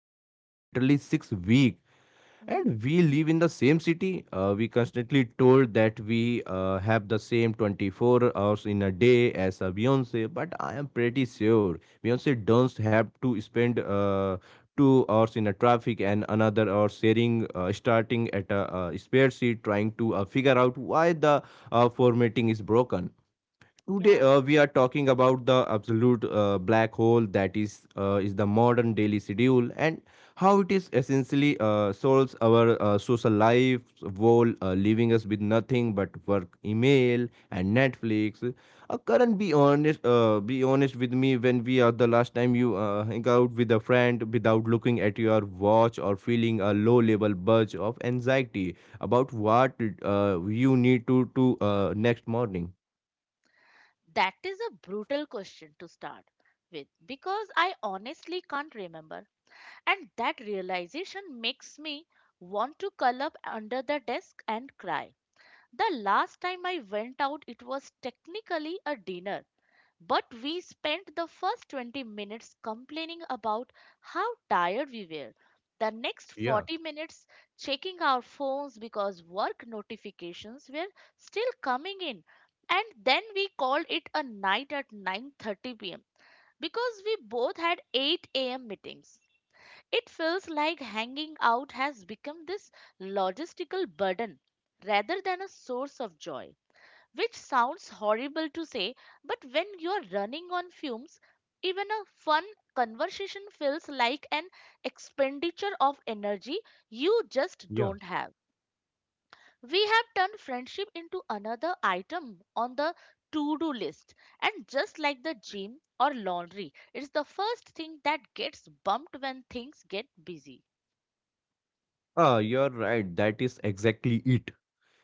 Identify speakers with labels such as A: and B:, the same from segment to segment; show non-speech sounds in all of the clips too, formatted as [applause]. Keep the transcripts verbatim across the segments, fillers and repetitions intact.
A: friend in literally six weeks. And
B: mm,
A: we live in the same city. Uh, we constantly told that we uh, have the same twenty-four hours in a day as a Beyonce, but I am pretty sure Beyonce doesn't have to spend uh, two hours in a traffic and another hour sharing, uh, starting at a, uh spare seat, trying to uh, figure out why the uh, formatting is broken. Today
B: yeah,
A: uh, we are talking about the absolute uh, black hole that is uh, is the modern daily schedule and how it is essentially uh, solves our uh, social life while uh, leaving us with nothing but work, email, and Netflix. Uh, Karan, be honest, uh, be honest with me. When we are the last time you uh, hang out with a friend without looking at your watch or feeling a low level budge of anxiety about what uh, you need to do uh, next morning?
B: that is a brutal question to start with because I honestly can't remember. And that realization makes me want to curl up under the desk and cry. The last time I went out, it was technically a dinner, but we spent the first twenty minutes complaining about how tired we were. The next
A: Yeah.
B: forty minutes checking our phones because work notifications were still coming in. And then we called it a night at nine thirty p m because we both had eight a m meetings. It feels like hanging out has become this logistical burden rather than a source of joy, which sounds horrible to say, but when you're running on fumes, even a fun conversation feels like an expenditure of energy you just
A: Yeah.
B: don't have. We have turned friendship into another item on the to do list, and just like the gym or laundry, it's the first thing that gets bumped when things get busy.
A: Ah, you're right. That is exactly it.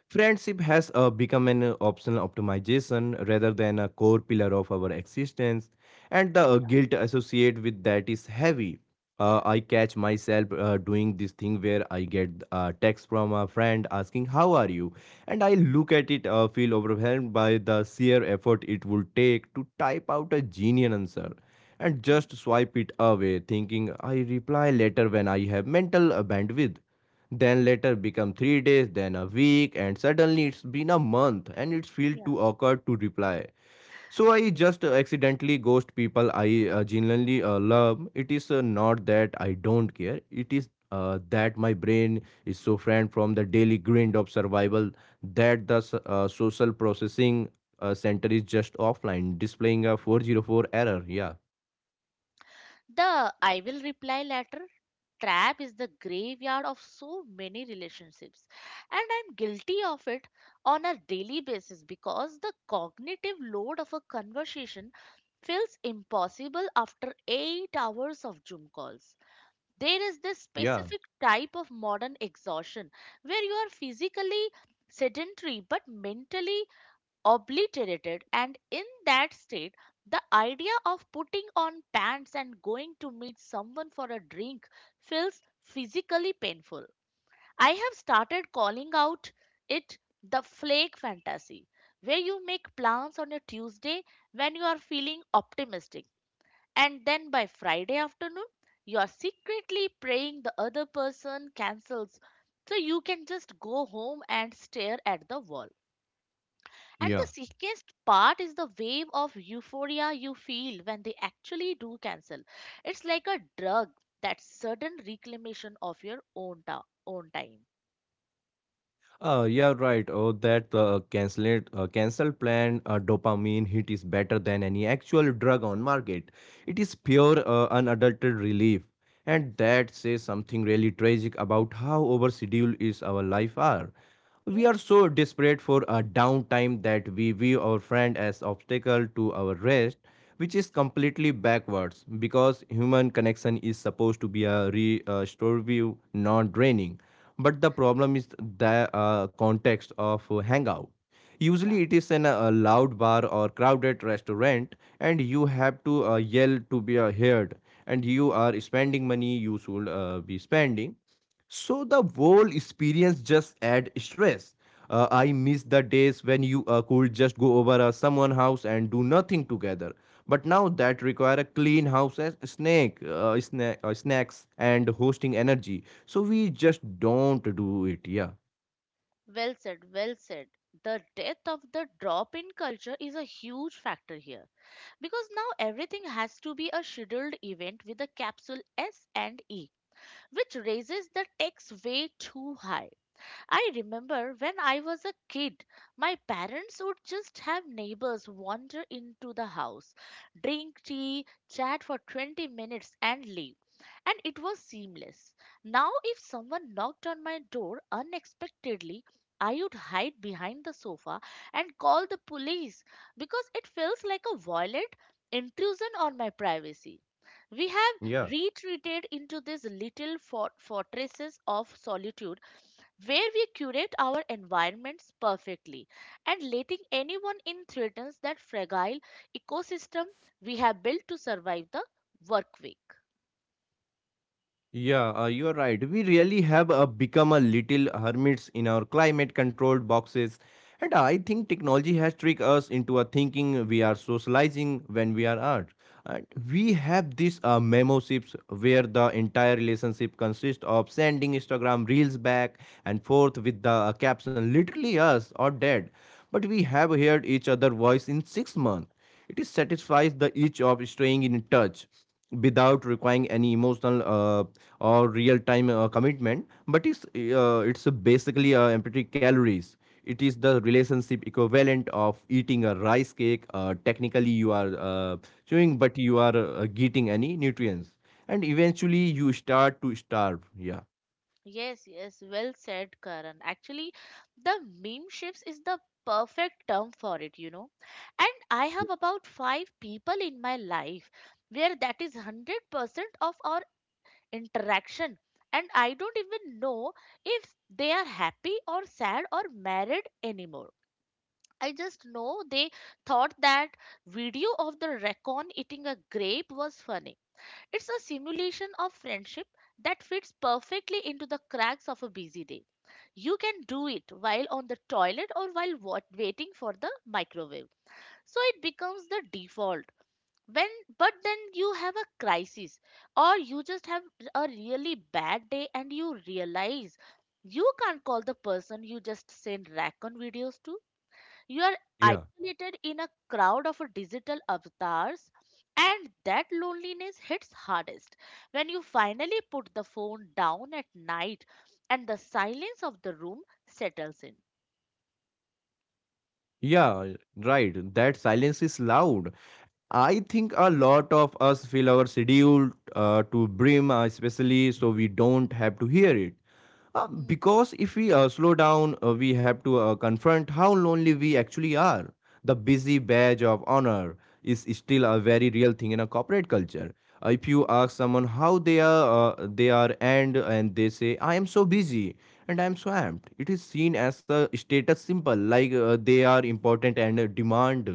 A: Friendship has uh, become an uh, optional optimization rather than a core pillar of our existence, and the uh,
B: Yeah.
A: guilt associated with that is heavy. Uh,
B: Yeah.
A: I catch myself uh, doing this thing where I get a text from a friend asking, "How are you?" And I
B: Mm,
A: look at it, uh, feel overwhelmed by the sheer effort it would take to type out a genial answer and
B: mm.
A: just swipe it away, thinking I reply later when I have mental uh, bandwidth. Then later become three days, then a week, and suddenly it's been a month and it feels
B: Yeah.
A: too awkward to reply, so I
B: Yes.
A: just uh, accidentally ghost people I uh, genuinely uh, love. It is uh, not that I don't care, it is uh, that my brain is so friend from the daily grind of survival that the s- uh, social processing uh, center is just offline, displaying a four zero four error. Yeah,
B: The "I will reply letter" trap is the graveyard of so many relationships, and I'm guilty of it on a daily basis because the cognitive load of a conversation feels impossible after eight hours of Zoom calls. There is this
A: yeah,
B: specific type of modern exhaustion where you are physically sedentary but mentally obliterated, and in that state the idea of putting on pants and going to meet someone for a drink feels physically painful. I have started calling out it the flake fantasy, where you make plans on a Tuesday when you are feeling optimistic and then by Friday afternoon you are secretly praying the other person cancels so you can just go home and stare at the wall. And
A: yeah.
B: the sickest part is the wave of euphoria you feel when they actually do cancel. It's like a drug, that sudden reclamation of your own, ta- own time.
A: Uh, yeah, right. Oh, that uh, cancelled uh, cancel plan uh, dopamine hit is better than any actual drug on market. It is pure uh, unadulterated relief, and that says something really tragic about how overscheduled is our life are. We are
B: Yes,
A: so desperate for a downtime that we view our friend as obstacle to our rest, which is completely backwards because human connection is supposed to be a re, uh, restorative, non-draining. But the problem is the uh, context of hangout.
B: yeah.
A: Usually, it is in a, a loud bar or crowded restaurant, and you have to uh, yell to be uh, heard. And you are spending money you should uh, be spending, so the whole experience just add stress. Uh, I miss the days when you uh, could just go over uh, someone's house and do nothing together. But now that require a clean house as snack, uh, sna- uh, snacks and hosting energy. So we just don't do it. Yeah.
B: Well said, well said. The death of the drop in culture is a huge factor here because now everything has to be a scheduled event with a capsule S and E, which raises the stakes way too high. I remember when I was a kid, my parents would just have neighbors wander into the house, drink tea, chat for twenty minutes, and leave. And it was seamless. Now, if someone knocked on my door unexpectedly, I would hide behind the sofa and call the police because it feels like a violent intrusion on my privacy. We have
A: Yeah.
B: retreated into these little fort- fortresses of solitude where we curate our environments perfectly, and letting anyone in threatens that fragile ecosystem we have built to survive the work week.
A: Yeah, uh, you're right. We really have uh, become a little hermits in our climate controlled boxes. And I think technology has tricked us into a thinking we are socializing when we are art. And we have these uh, memoships where the entire relationship consists of sending Instagram reels back and forth with the uh, caption literally us or dead. But we have heard each other voice in six months. It satisfies the itch of staying in touch without requiring any emotional uh, or real-time uh, commitment. But it's uh, it's basically uh, empty calories. It is the relationship equivalent of eating a rice cake. Uh, technically, you are uh, chewing, but you are uh, getting any nutrients, and eventually you start to starve. Yeah.
B: Yes, yes, well said, Karan. Actually, the meme shifts is the perfect term for it, you know. And I have about five people in my life where that is one hundred percent of our interaction. And I don't even know if they are happy or sad or married anymore. I just know they thought that video of the raccoon eating a grape was funny. It's a simulation of friendship that fits perfectly into the cracks of a busy day. You can do it while on the toilet or while wa- waiting for the microwave. So it becomes the default. When But then you have a crisis or you just have a really bad day and you realize you can't call the person you just send raccoon videos to. You are
A: Yeah.
B: isolated in a crowd of digital avatars, and that loneliness hits hardest when you finally put the phone down at night and the silence of the room settles in.
A: Yeah, right. That silence is loud. I think a lot of us feel our schedule uh, to brim, uh, especially so we don't have to hear it. Uh,
B: Mm,
A: because if we uh, slow down, uh, we have to uh, confront how lonely we actually are. The busy badge of honor is still a very real thing in a corporate culture. Uh, if you
B: mm,
A: ask someone how they are, uh, they are, and and they say, "I am so busy and I am
B: mm,
A: swamped," it is seen as a status symbol, like uh, they are
B: mm.
A: important and uh, demand.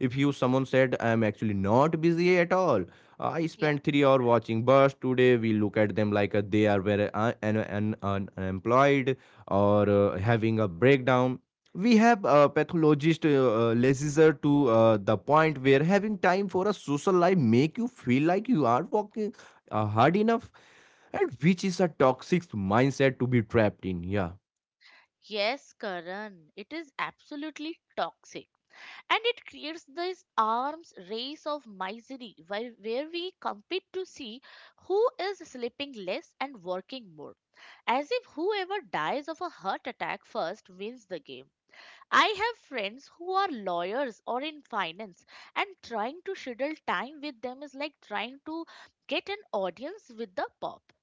A: If you someone said I am actually not busy at all, I
B: Yeah.
A: spent three hours watching bus today. We look at them like uh, they are very un- un- un- un- unemployed or uh, having a breakdown. We have a pathologist uh, uh, lazier to uh, the point where having time for a social life make you feel like you are working uh, hard enough, and which is a toxic mindset to be trapped in. Yeah,
B: Yes, Karan, it is absolutely toxic. And it creates this arms race of misery where, where we compete to see who is sleeping less and working more, as if whoever dies of a heart attack first wins the game. I have friends who are lawyers or in finance, and trying to schedule time with them is like trying to get an audience with the Pope.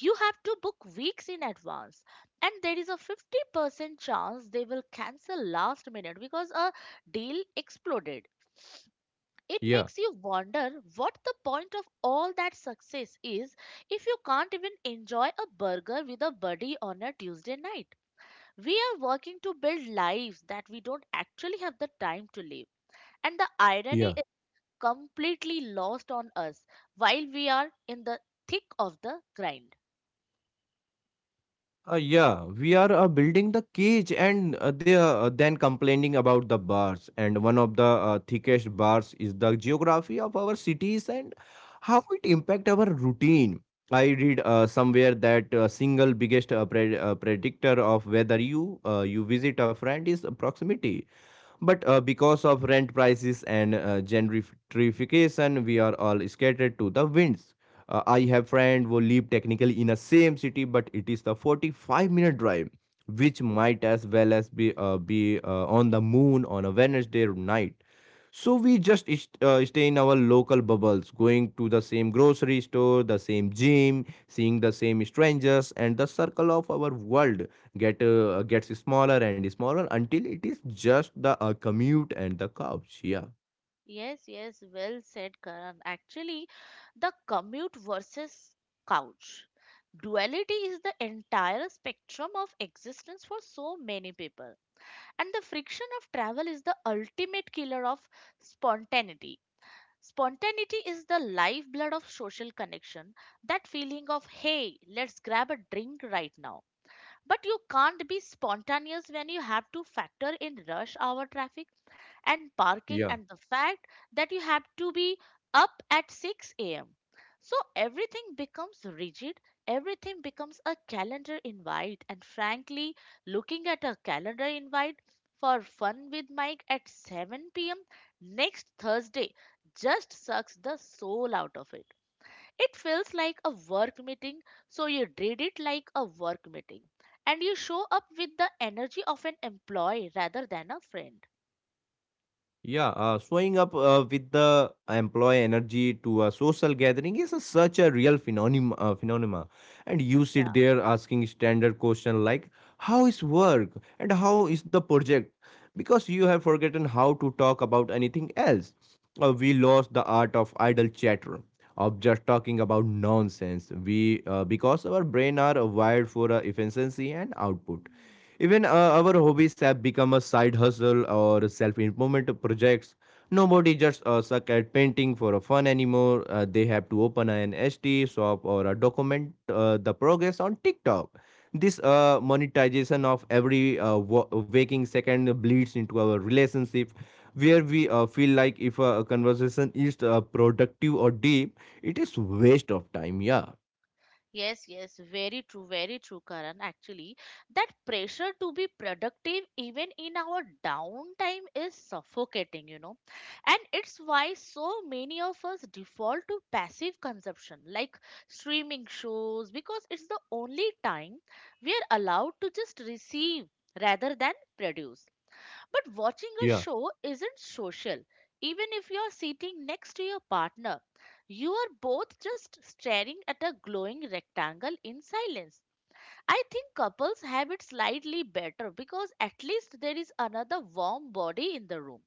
B: You have to book weeks in advance, and there is a fifty percent chance they will cancel last minute because a deal exploded. It
A: yeah,
B: makes you wonder what the point of all that success is if you can't even enjoy a burger with a buddy on a Tuesday night. We are working to build lives that we don't actually have the time to live. And the irony
A: yeah.
B: is completely lost on us while we are in the thick of the grind.
A: Uh, yeah, we are uh, building the cage and uh, they are uh, then complaining about the bars. And one of the uh, thickest bars is the geography of our cities and how it impact our routine. I read uh, somewhere that uh, single biggest uh, pre- uh, predictor of whether you uh, you visit a friend is proximity. But uh, because of rent prices and uh, gentrification, we are all scattered to the winds. Uh, I have friend who live technically in the same city, but it is the forty-five minute drive, which might as well as be uh, be uh, on the moon on a Wednesday night. So we just is- uh, stay in our local bubbles, going to the same grocery store, the same gym, seeing the same strangers, and the circle of our world get uh, gets smaller and smaller until it is just the uh, commute and the couch. Yeah,
B: Yes, yes, well said, Karan. Actually, the commute versus couch duality is the entire spectrum of existence for so many people. And the friction of travel is the ultimate killer of spontaneity. Spontaneity is the lifeblood of social connection, that feeling of, hey, let's grab a drink right now. But you can't be spontaneous when you have to factor in rush hour traffic and parking
A: yeah.
B: and the fact that you have to be up at six a m. So everything becomes rigid, everything becomes a calendar invite, and frankly, looking at a calendar invite for fun with Mike at seven p m next Thursday just sucks the soul out of it. It feels like a work meeting, so you did it like a work meeting. And you show up with the energy of an employee rather than a friend.
A: Yeah, uh, showing up uh, with the employee energy to a social gathering is a, such a real phenomenon, uh, phenomena. And you
B: Yeah.
A: sit there asking standard question like, "How is work?" and "How is the project?" Because you have forgotten how to talk about anything else. Uh, we lost the art of idle chatter, of just talking about nonsense. We uh, Because our brain are wired for uh, efficiency and output, even uh,
B: Hmm.
A: our hobbies have become a side hustle or self-improvement projects. Nobody just uh, suck at painting for a fun anymore. Uh, they have to open an H D shop or uh, document uh, the progress on TikTok. This uh, monetization of every uh, wa- waking second bleeds into our relationship, where we uh, feel like if a conversation is uh, productive or deep, it is waste of time. Yeah.
B: Yes, yes, very true, very true, Karan. Actually, that pressure to be productive even in our downtime is suffocating, you know. And it's why so many of us default to passive consumption, like streaming shows, because it's the only time we are allowed to just receive rather than produce. But watching a
A: Yeah.
B: show isn't social. Even if you're sitting next to your partner, you are both just staring at a glowing rectangle in silence. I think couples have it slightly better because at least there is another warm body in the room.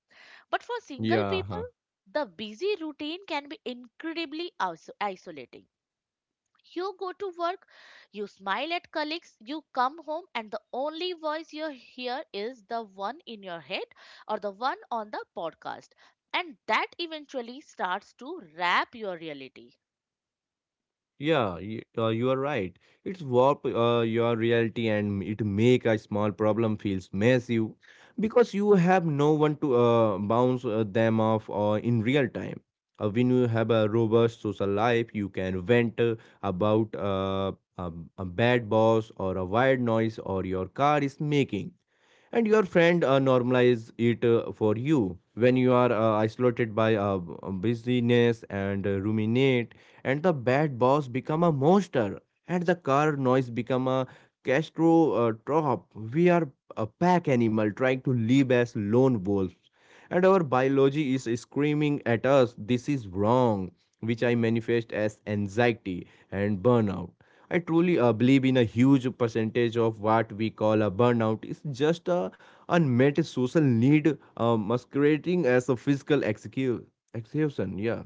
B: But for single people,
A: Yeah.
B: the busy routine can be incredibly iso- isolating. You go to work, you smile at colleagues, you come home, and the only voice you hear is the one in your head or the one on the podcast. And that eventually starts to wrap your reality.
A: Yeah, y- uh, you are right. It's warp uh, your reality and it make a small problem feels massive because you have no one to uh, bounce uh, them off uh, in real time. Uh, when you have a robust social life, you can vent uh, about uh, a, a bad boss or a wild noise or your car is making, and
B: Hmm.
A: your friend uh, normalize it uh, for you when you are uh, isolated by uh, uh, busyness and uh, ruminate, and the bad boss become a monster and the car noise become a castro uh, trop. We are a pack animal trying to live as lone wolves, and our biology is screaming at us this is wrong, which I
B: Hmm.
A: manifest as anxiety and burnout. I truly uh, believe in a huge percentage of what we call a burnout is just a unmet social need uh, masquerading as a physical execu- execution. Yeah,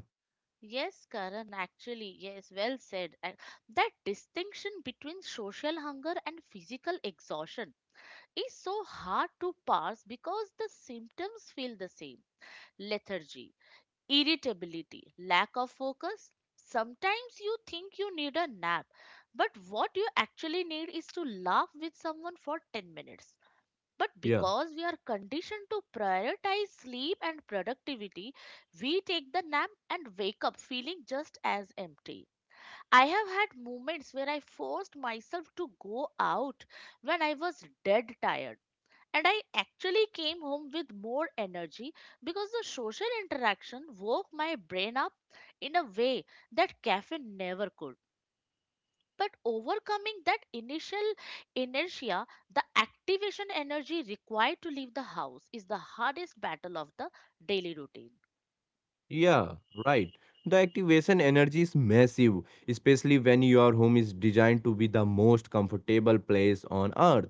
B: Yes, Karan, actually, yes, well said. And that distinction between social hunger and physical exhaustion is so hard to parse because the symptoms feel the same: lethargy, irritability, lack of focus. Sometimes you think you need a nap, but what you actually need is to laugh with someone for ten minutes. But
A: yeah.
B: because we are conditioned to prioritize sleep and productivity, we take the nap and wake up feeling just as empty. I have had moments where I forced myself to go out when I was dead tired and I actually came home with more energy because the social interaction woke my brain up in a way that caffeine never could. But overcoming that initial inertia, the activation energy required to leave the house is the hardest battle of the daily routine.
A: Yeah, right. The activation energy is massive, especially when your home is designed to be the most comfortable place on earth.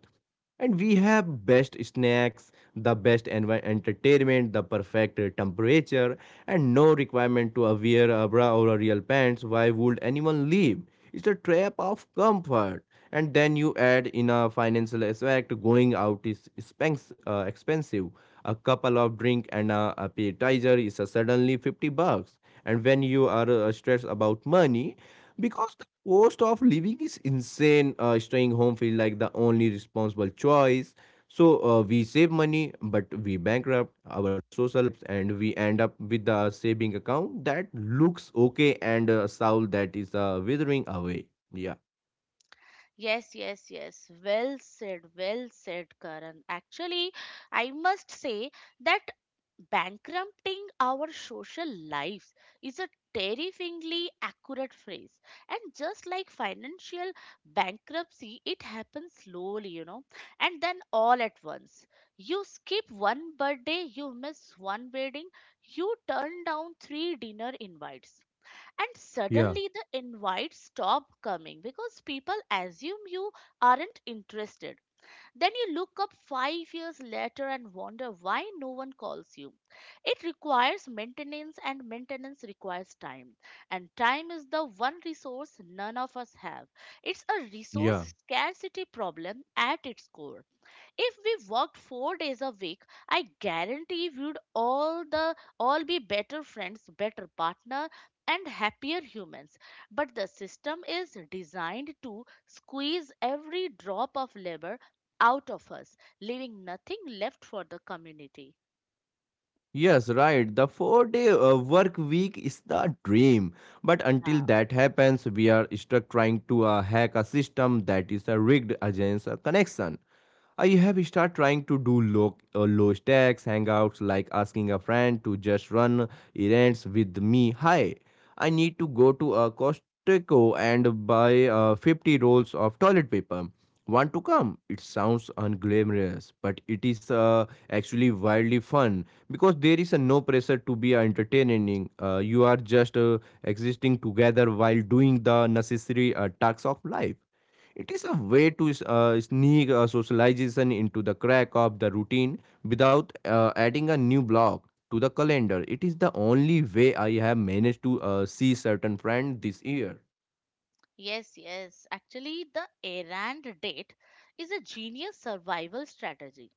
A: And we have best snacks, the best envi- entertainment, the perfect uh, temperature, and no requirement to uh, wear a bra or a real pants. Why would anyone leave? It's a trap of comfort. And then you add in a financial aspect, going out is expens- uh, expensive. A couple of drink and a appetizer is a suddenly fifty bucks, and when you are uh, stressed about money because the cost of living is insane, uh, staying home feel like the only responsible choice. So uh, we save money, but we bankrupt our social lives, and we end up with a saving account that looks okay and a soul that is uh, withering away. Yeah.
B: Yes, yes, yes. Well said, well said, Karan. Actually, I must say that bankrupting our social lives is a terrifyingly accurate phrase. And just like financial bankruptcy, it happens slowly, you know, and then all at once. You skip one birthday, you miss one wedding, you turn down three dinner invites, and
A: Yeah,
B: suddenly the invites stop coming because people assume you aren't interested. Then you look up five years later and wonder why no one calls you. It requires maintenance, and maintenance requires time, and time is the one resource none of us have. It's a
A: yeah.
B: resource scarcity problem at its core. If we worked four days a week, I guarantee we'd all the all be better friends, better partner, and happier humans. But the system is designed to squeeze every drop of labor out of us, leaving nothing left for the community.
A: Yes, right. The four day uh, work week is the dream. But until
B: Yeah.
A: that happens, we are stuck trying to uh, hack a system that is uh, rigged against a connection. I have started trying to do low, uh, low stakes hangouts like asking a friend to just run errands with me. "Hi, I need to go to a Costco and buy uh, fifty rolls of toilet paper. Want to come?" It sounds unglamorous, but it is uh, actually wildly fun because there is a no pressure to be entertaining. Uh, you are just uh, existing together while doing the necessary uh, tasks of life. It is a way to uh, sneak uh, socialization into the crack of the routine without uh, adding a new block to the calendar. It is the only way I have managed to uh, see certain friends this year.
B: Yes, yes. Actually, the errand date is a genius survival strategy.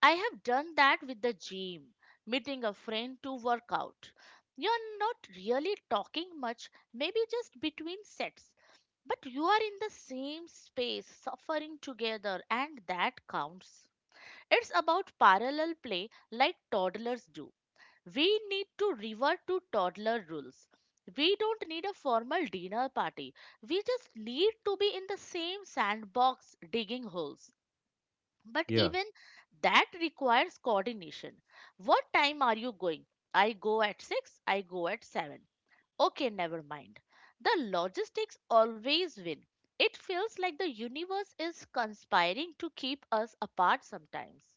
B: I have done that with the gym, meeting a friend to work out. You're not really talking much, maybe just between sets, but you are in the same space, suffering together, and that counts. It's about parallel play like toddlers do. We need to revert to toddler rules. We don't need a formal dinner party. We just need to be in the same sandbox digging holes. But
A: Yeah.
B: even that requires coordination. What time are you going? I go at six, I go at seven. Okay, never mind. The logistics always win. It feels like the universe is conspiring to keep us apart sometimes.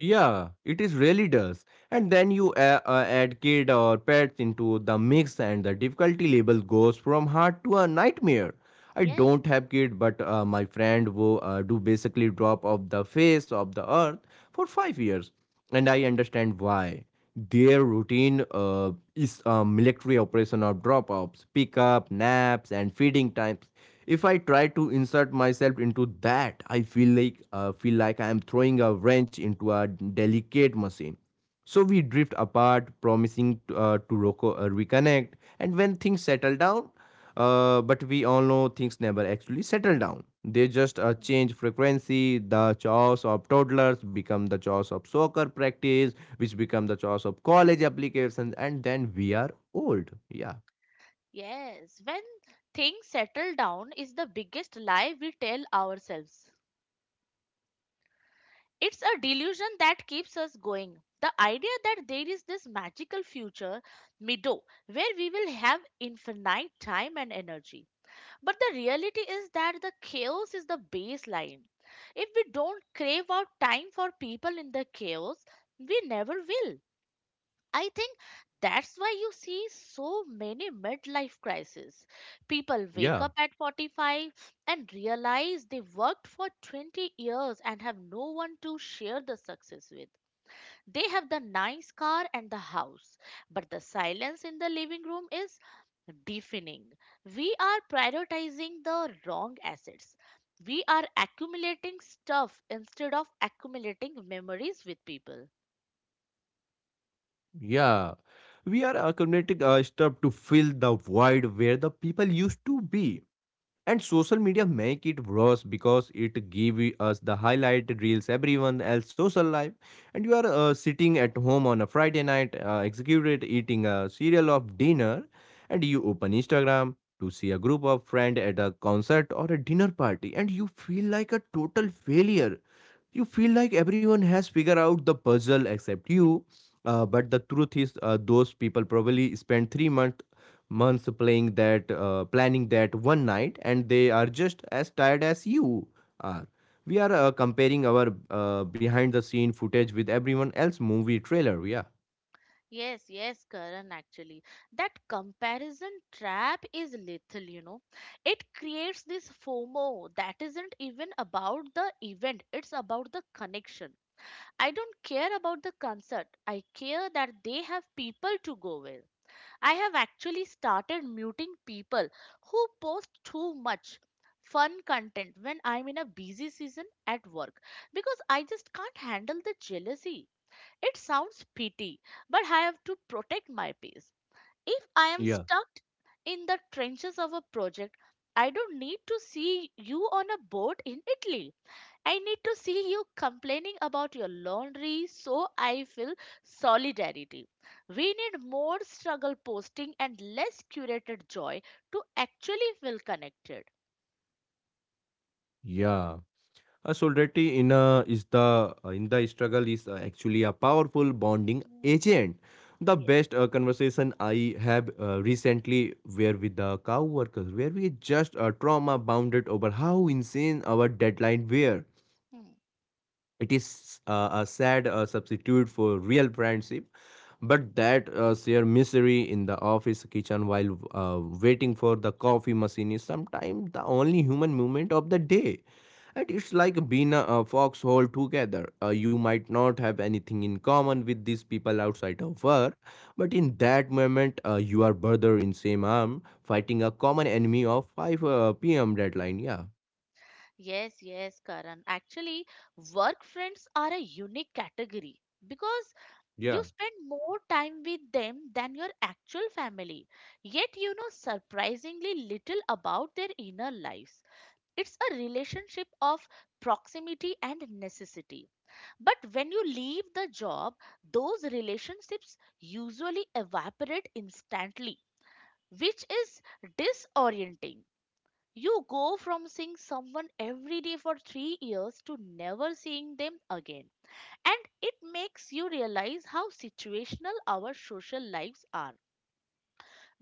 A: Yeah, it is really does. And then you uh, uh, add kid or pets into the mix, and the difficulty level goes from hard to a nightmare. I
B: Yes.
A: don't have kid, but uh, my friend
B: Mhm.
A: who uh, do basically drop off the face of the earth for five years, and I understand why. Their routine uh, is a military operation of drop-offs, pickup, naps, and feeding times. If I try to insert myself into that, I feel like uh, feel like I am throwing a wrench into a delicate machine. So we drift apart, promising to, uh, to roco- uh, reconnect. And when things settle down, uh, but we all know things never actually settle down. They just uh, change frequency. The chores of toddlers become the chores of soccer practice, which become the chores of college applications, and then we are old. Yeah,
B: Yes. When things settle down is the biggest lie we tell ourselves. It's a delusion that keeps us going. The idea that there is this magical future, Mido, where we will have infinite time and energy. But the reality is that the chaos is the baseline. If we don't crave out time for people in the chaos, we never will. I think that's why you see so many midlife crises. People wake
A: yeah,
B: up at forty-five and realize they worked for twenty years and have no one to share the success with. They have the nice car and the house, but the silence in the living room is deafening. We are prioritizing the wrong assets. We are accumulating stuff instead of accumulating memories with people.
A: yeah. We are accumulating uh, stuff to fill the void where the people used to be. And social media make it worse because it give us the highlight reels everyone else social life, and you are uh, sitting at home on a Friday night, uh, executed eating a cereal of dinner, and you open Instagram to see a group of friend at a concert or a dinner party, and you feel like a total failure, you feel like everyone has figured out the puzzle except you. Uh, but the truth is, uh, those people probably spent three month, months playing that, uh, planning that one night, and they are just as tired as you are. We are uh, comparing our uh, behind the scene footage with everyone else movie trailer. Yeah.
B: Yes, yes, Karan, actually. That comparison trap is lethal, you know. It creates this FOMO that isn't even about the event, it's about the connection. I don't care about the concert, I care that they have people to go with. I have actually started muting people who post too much fun content when I'm in a busy season at work because I just can't handle the jealousy. It sounds petty, but I have to protect my peace. If I am
A: Yeah.
B: stuck in the trenches of a project, I don't need to see you on a boat in Italy. I need to see you complaining about your laundry so I feel solidarity. We need more struggle posting and less curated joy to actually feel connected.
A: Yeah. A solidarity in a is the uh, in the struggle is uh, actually a powerful bonding
B: Hmm.
A: agent. The
B: Yes.
A: best uh, conversation I have uh, recently were with the cow workers, where we just uh, trauma bounded over how insane our deadline were.
B: Hmm.
A: It is uh, a sad uh, substitute for real friendship, but that uh, sheer misery in the office kitchen while uh, waiting for the coffee machine is sometimes the only human moment of the day. And it's like being a, a foxhole together. Uh, you might not have anything in common with these people outside of work, but in that moment, uh, you are brother in same arm, fighting a common enemy of five uh, p m deadline. Yeah,
B: Yes, yes, Karan. Actually, work friends are a unique category because You
A: yeah,
B: spend more time with them than your actual family, yet you know surprisingly little about their inner lives. It's a relationship of proximity and necessity. But when you leave the job, those relationships usually evaporate instantly, which is disorienting. You go from seeing someone every day for three years to never seeing them again. And it makes you realize how situational our social lives are.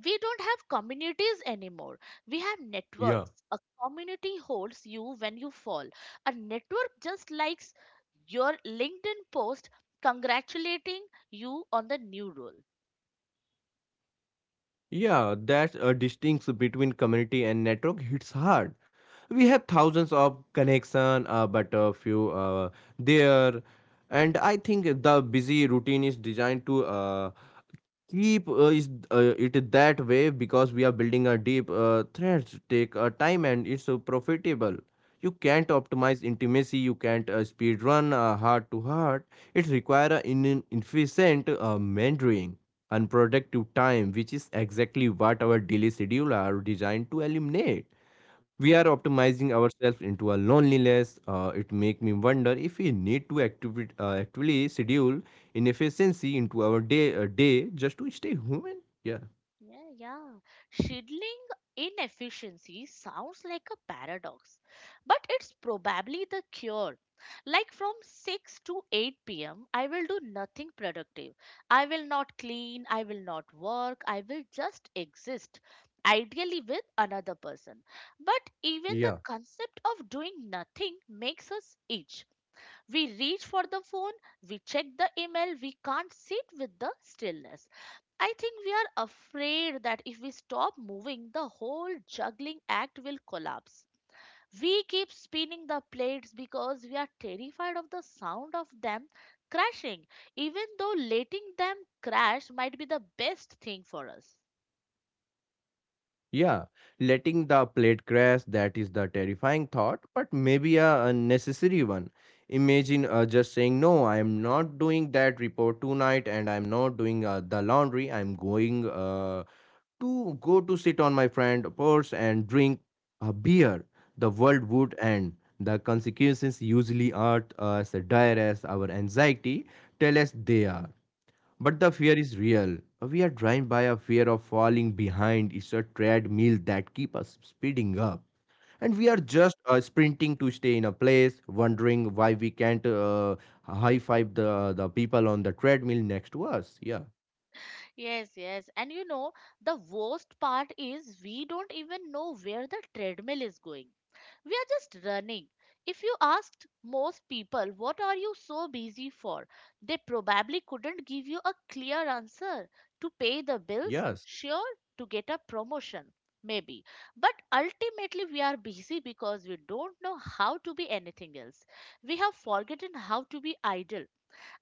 B: We don't have communities anymore. We have
A: yeah.
B: networks. A community holds you when you fall. A network just likes your LinkedIn post congratulating you on the new role.
A: Yeah, that uh, distinction between community and network hits hard. We have thousands of connection, uh, but a few uh, there, and I think the busy routine is designed to uh, keep uh, is uh, it that way because we are building a deep uh, threads take uh, time and it's uh, profitable. You can't optimize intimacy, you can't uh, speed run uh, heart to heart. It requires an in- efficient uh, mentoring, unproductive time, which is exactly what our daily schedule are designed to eliminate. We are optimizing ourselves into a loneliness. Uh, it make me wonder if we need to activi- uh, actually schedule inefficiency into our day uh, day just to stay human. Yeah,
B: Yeah, yeah. Shielding inefficiency sounds like a paradox, but it's probably the cure. Like from six to eight p m, I will do nothing productive. I will not clean, I will not work, I will just exist, ideally with another person. But even the
A: yeah,
B: concept of doing nothing makes us itch. We reach for the phone, we check the email, we can't sit with the stillness. I think we are afraid that if we stop moving, the whole juggling act will collapse. We keep spinning the plates because we are terrified of the sound of them crashing, even though letting them crash might be the best thing for us.
A: yeah. Letting the plate crash, that is the terrifying thought, but maybe a unnecessary one. Imagine uh, just saying no, I am not doing that report tonight, and I'm not doing uh, the laundry, i'm going uh, to go to sit on my friend's porch and drink a beer, the world would end. The consequences usually aren't as dire as our anxiety tell us they are. But the fear is real. We are driven by a fear of falling behind. It's a treadmill that keeps us speeding up. And we are just uh, sprinting to stay in a place, wondering why we can't uh, high five the, the people on the treadmill next to us. Yeah.
B: Yes, yes. And you know, the worst part is we don't even know where the treadmill is going. We are just running. If you asked most people, what are you so busy for? They probably couldn't give you a clear answer. To pay the bills?
A: Yes.
B: Sure, to get a promotion. Maybe. But ultimately, we are busy because we don't know how to be anything else. We have forgotten how to be idle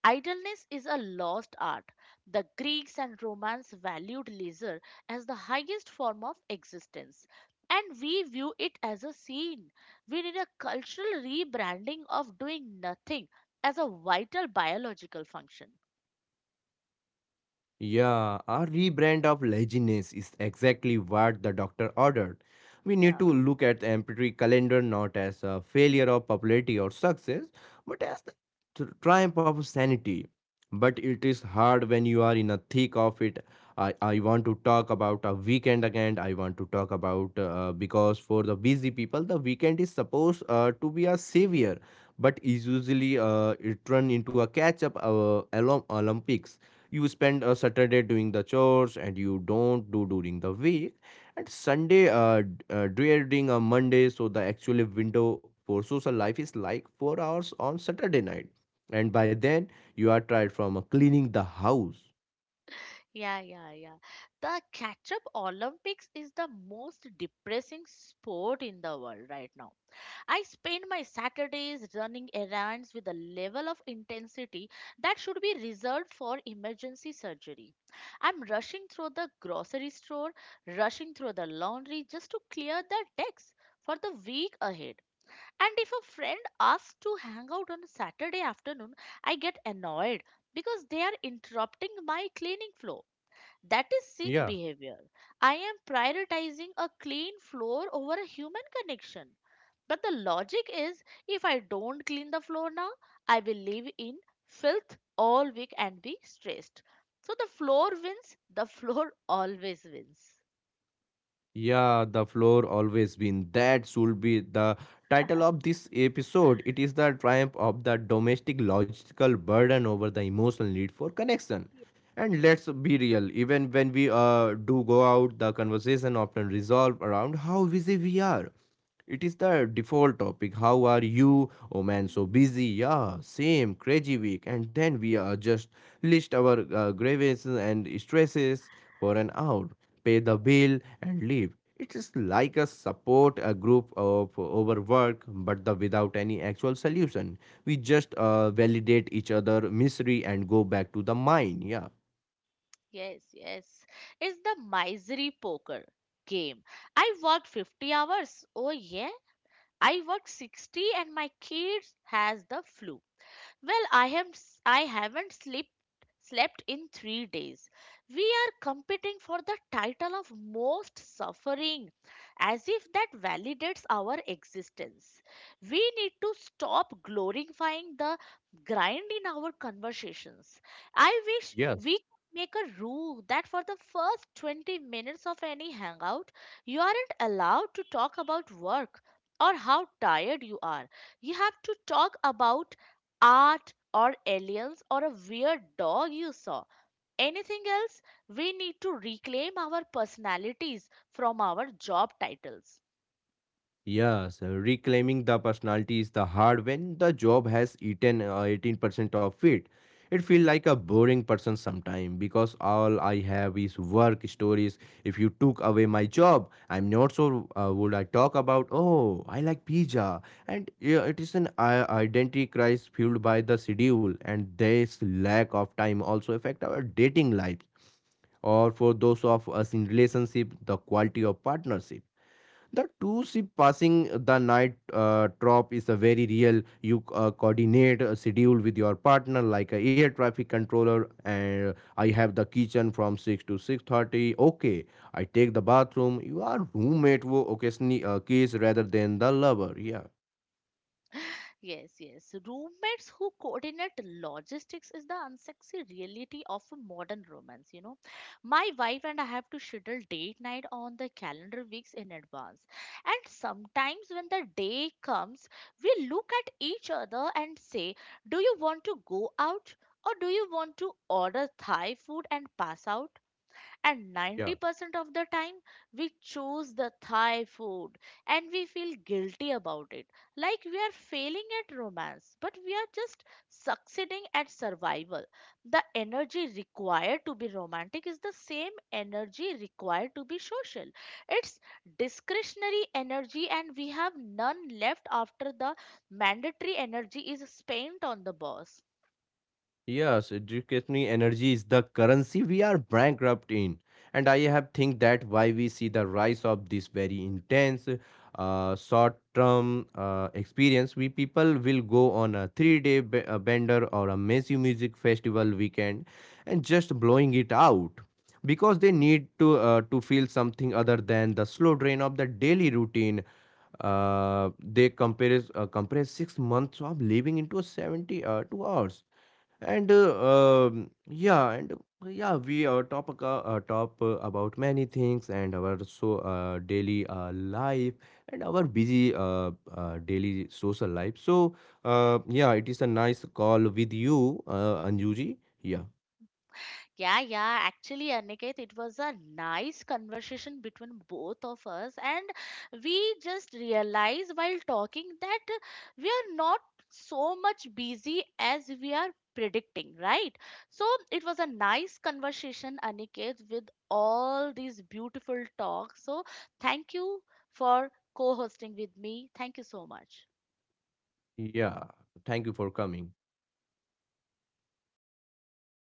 B: Idleness is a lost art. The Greeks and Romans valued leisure as the highest form of existence, and we view it as a sin. We need a cultural rebranding of doing nothing as a vital biological function.
A: Yeah, a rebrand of laziness is exactly what the doctor ordered. We need
B: Yeah,
A: to look at the empirical calendar not as a failure of popularity or success, but as the tr- triumph of sanity. But it is hard when you are in a thick of it. I, I want to talk about a weekend again. I want to talk about uh, because for the busy people, the weekend is supposed uh, to be a savior, but is usually uh, it run into a catch up uh, Olympics. You spend a Saturday doing the chores and you don't do during the week, and Sunday uh, d- uh dreading a Monday, so the actual window for social life is like four hours on Saturday night, and by then you are tired from uh, cleaning the house.
B: yeah, yeah, yeah. The catch up Olympics is the most depressing sport in the world right now. I spend my Saturdays running errands with a level of intensity that should be reserved for emergency surgery. I'm rushing through the grocery store, rushing through the laundry just to clear the decks for the week ahead. And if a friend asks to hang out on a Saturday afternoon, I get annoyed because they are interrupting my cleaning flow. That is sick
A: Yeah.
B: behavior. I am prioritizing a clean floor over a human connection. But the logic is if I don't clean the floor now, I will live in filth all week and be stressed. So the floor wins, the floor [laughs] always wins.
A: Yeah, the floor always been. That should be the title of this episode. It is the triumph of the domestic logical burden over the emotional need for connection.
B: Yeah.
A: And
B: Yes,
A: let's be real, even when we uh, do go out, the conversation often resolve around how busy we are, it is the default topic. How are you? Oh man, so
B: Mm,
A: busy. Yeah, same crazy week. And then we uh, just list our uh, grievances and stresses for an hour, pay the bill, and leave. It is like a support a group of overwork, but the without any actual solution. We just uh, validate each other misery and go back to the mine. Yeah.
B: yes, yes. It's the misery poker game. I worked fifty hours. Oh, yeah. I worked sixty and my kids has the flu. Well, I have s- I haven't slept slept in three days. We are competing for the title of most suffering as if that validates our existence. We need to stop glorifying the grind in our conversations. I wish
A: Yes.
B: we could make a rule that for the first twenty minutes of any hangout, you aren't allowed to talk about work or how tired you are. You have to talk about art or aliens or a weird dog you saw. Anything else? We need to reclaim our personalities from our job titles.
A: Yes, reclaiming the personality is the hard when the job has eaten uh, eighteen percent of it. It feel like a boring person sometime because all I have is work stories. If you took away my job, I'm not sure uh, would I talk about, oh, I like pizza. And yeah, it is an i- identity crisis fueled by the schedule, and this lack of time also affect our dating lives or for those of us in relationship, the quality of partnership. The two ship passing the night uh, drop is a very real. You uh, coordinate a schedule with your partner like a air traffic controller. And uh, I have the kitchen from six to six thirty. Okay, I take the bathroom. You are roommate who occasionally uh, kiss rather than the lover. Yeah,
B: Yes, yes. Roommates who coordinate logistics is the unsexy reality of a modern romance, you know. My wife and I have to schedule date night on the calendar weeks in advance. And sometimes when the day comes, we look at each other and say, do you want to go out? Or do you want to order Thai food and pass out? And
A: yeah.
B: ninety percent of the time, we choose the Thai food and we feel guilty about it. Like we are failing at romance, but we are just succeeding at survival. The energy required to be romantic is the same energy required to be social. It's discretionary energy, and we have none left after the mandatory energy is spent on the boss.
A: Yes, educational energy is the currency we are bankrupt in, and I have think that why we see the rise of this very intense, uh, short-term uh, experience. We people will go on a three-day b- uh, bender or a massive music festival weekend, and just blowing it out, because they need to uh, to feel something other than the slow drain of the daily routine. Uh, they compare uh, compress six months of living into a seventy uh, two hours and uh, um, yeah, and uh, yeah, we uh, talk aca- uh, talk uh, about many things and our so uh, daily uh, life and our busy uh, uh, daily social life. So uh, yeah, it is a nice call with you, uh, Anjuji. Yeah,
B: Yeah, yeah. Actually, Aniket, it was a nice conversation between both of us, and we just realized while talking that we are not so much busy as we are predicting, right? So it was a nice conversation, Aniket, with all these beautiful talks. So thank you for co-hosting with me. Thank you so much.
A: yeah. Thank you for coming.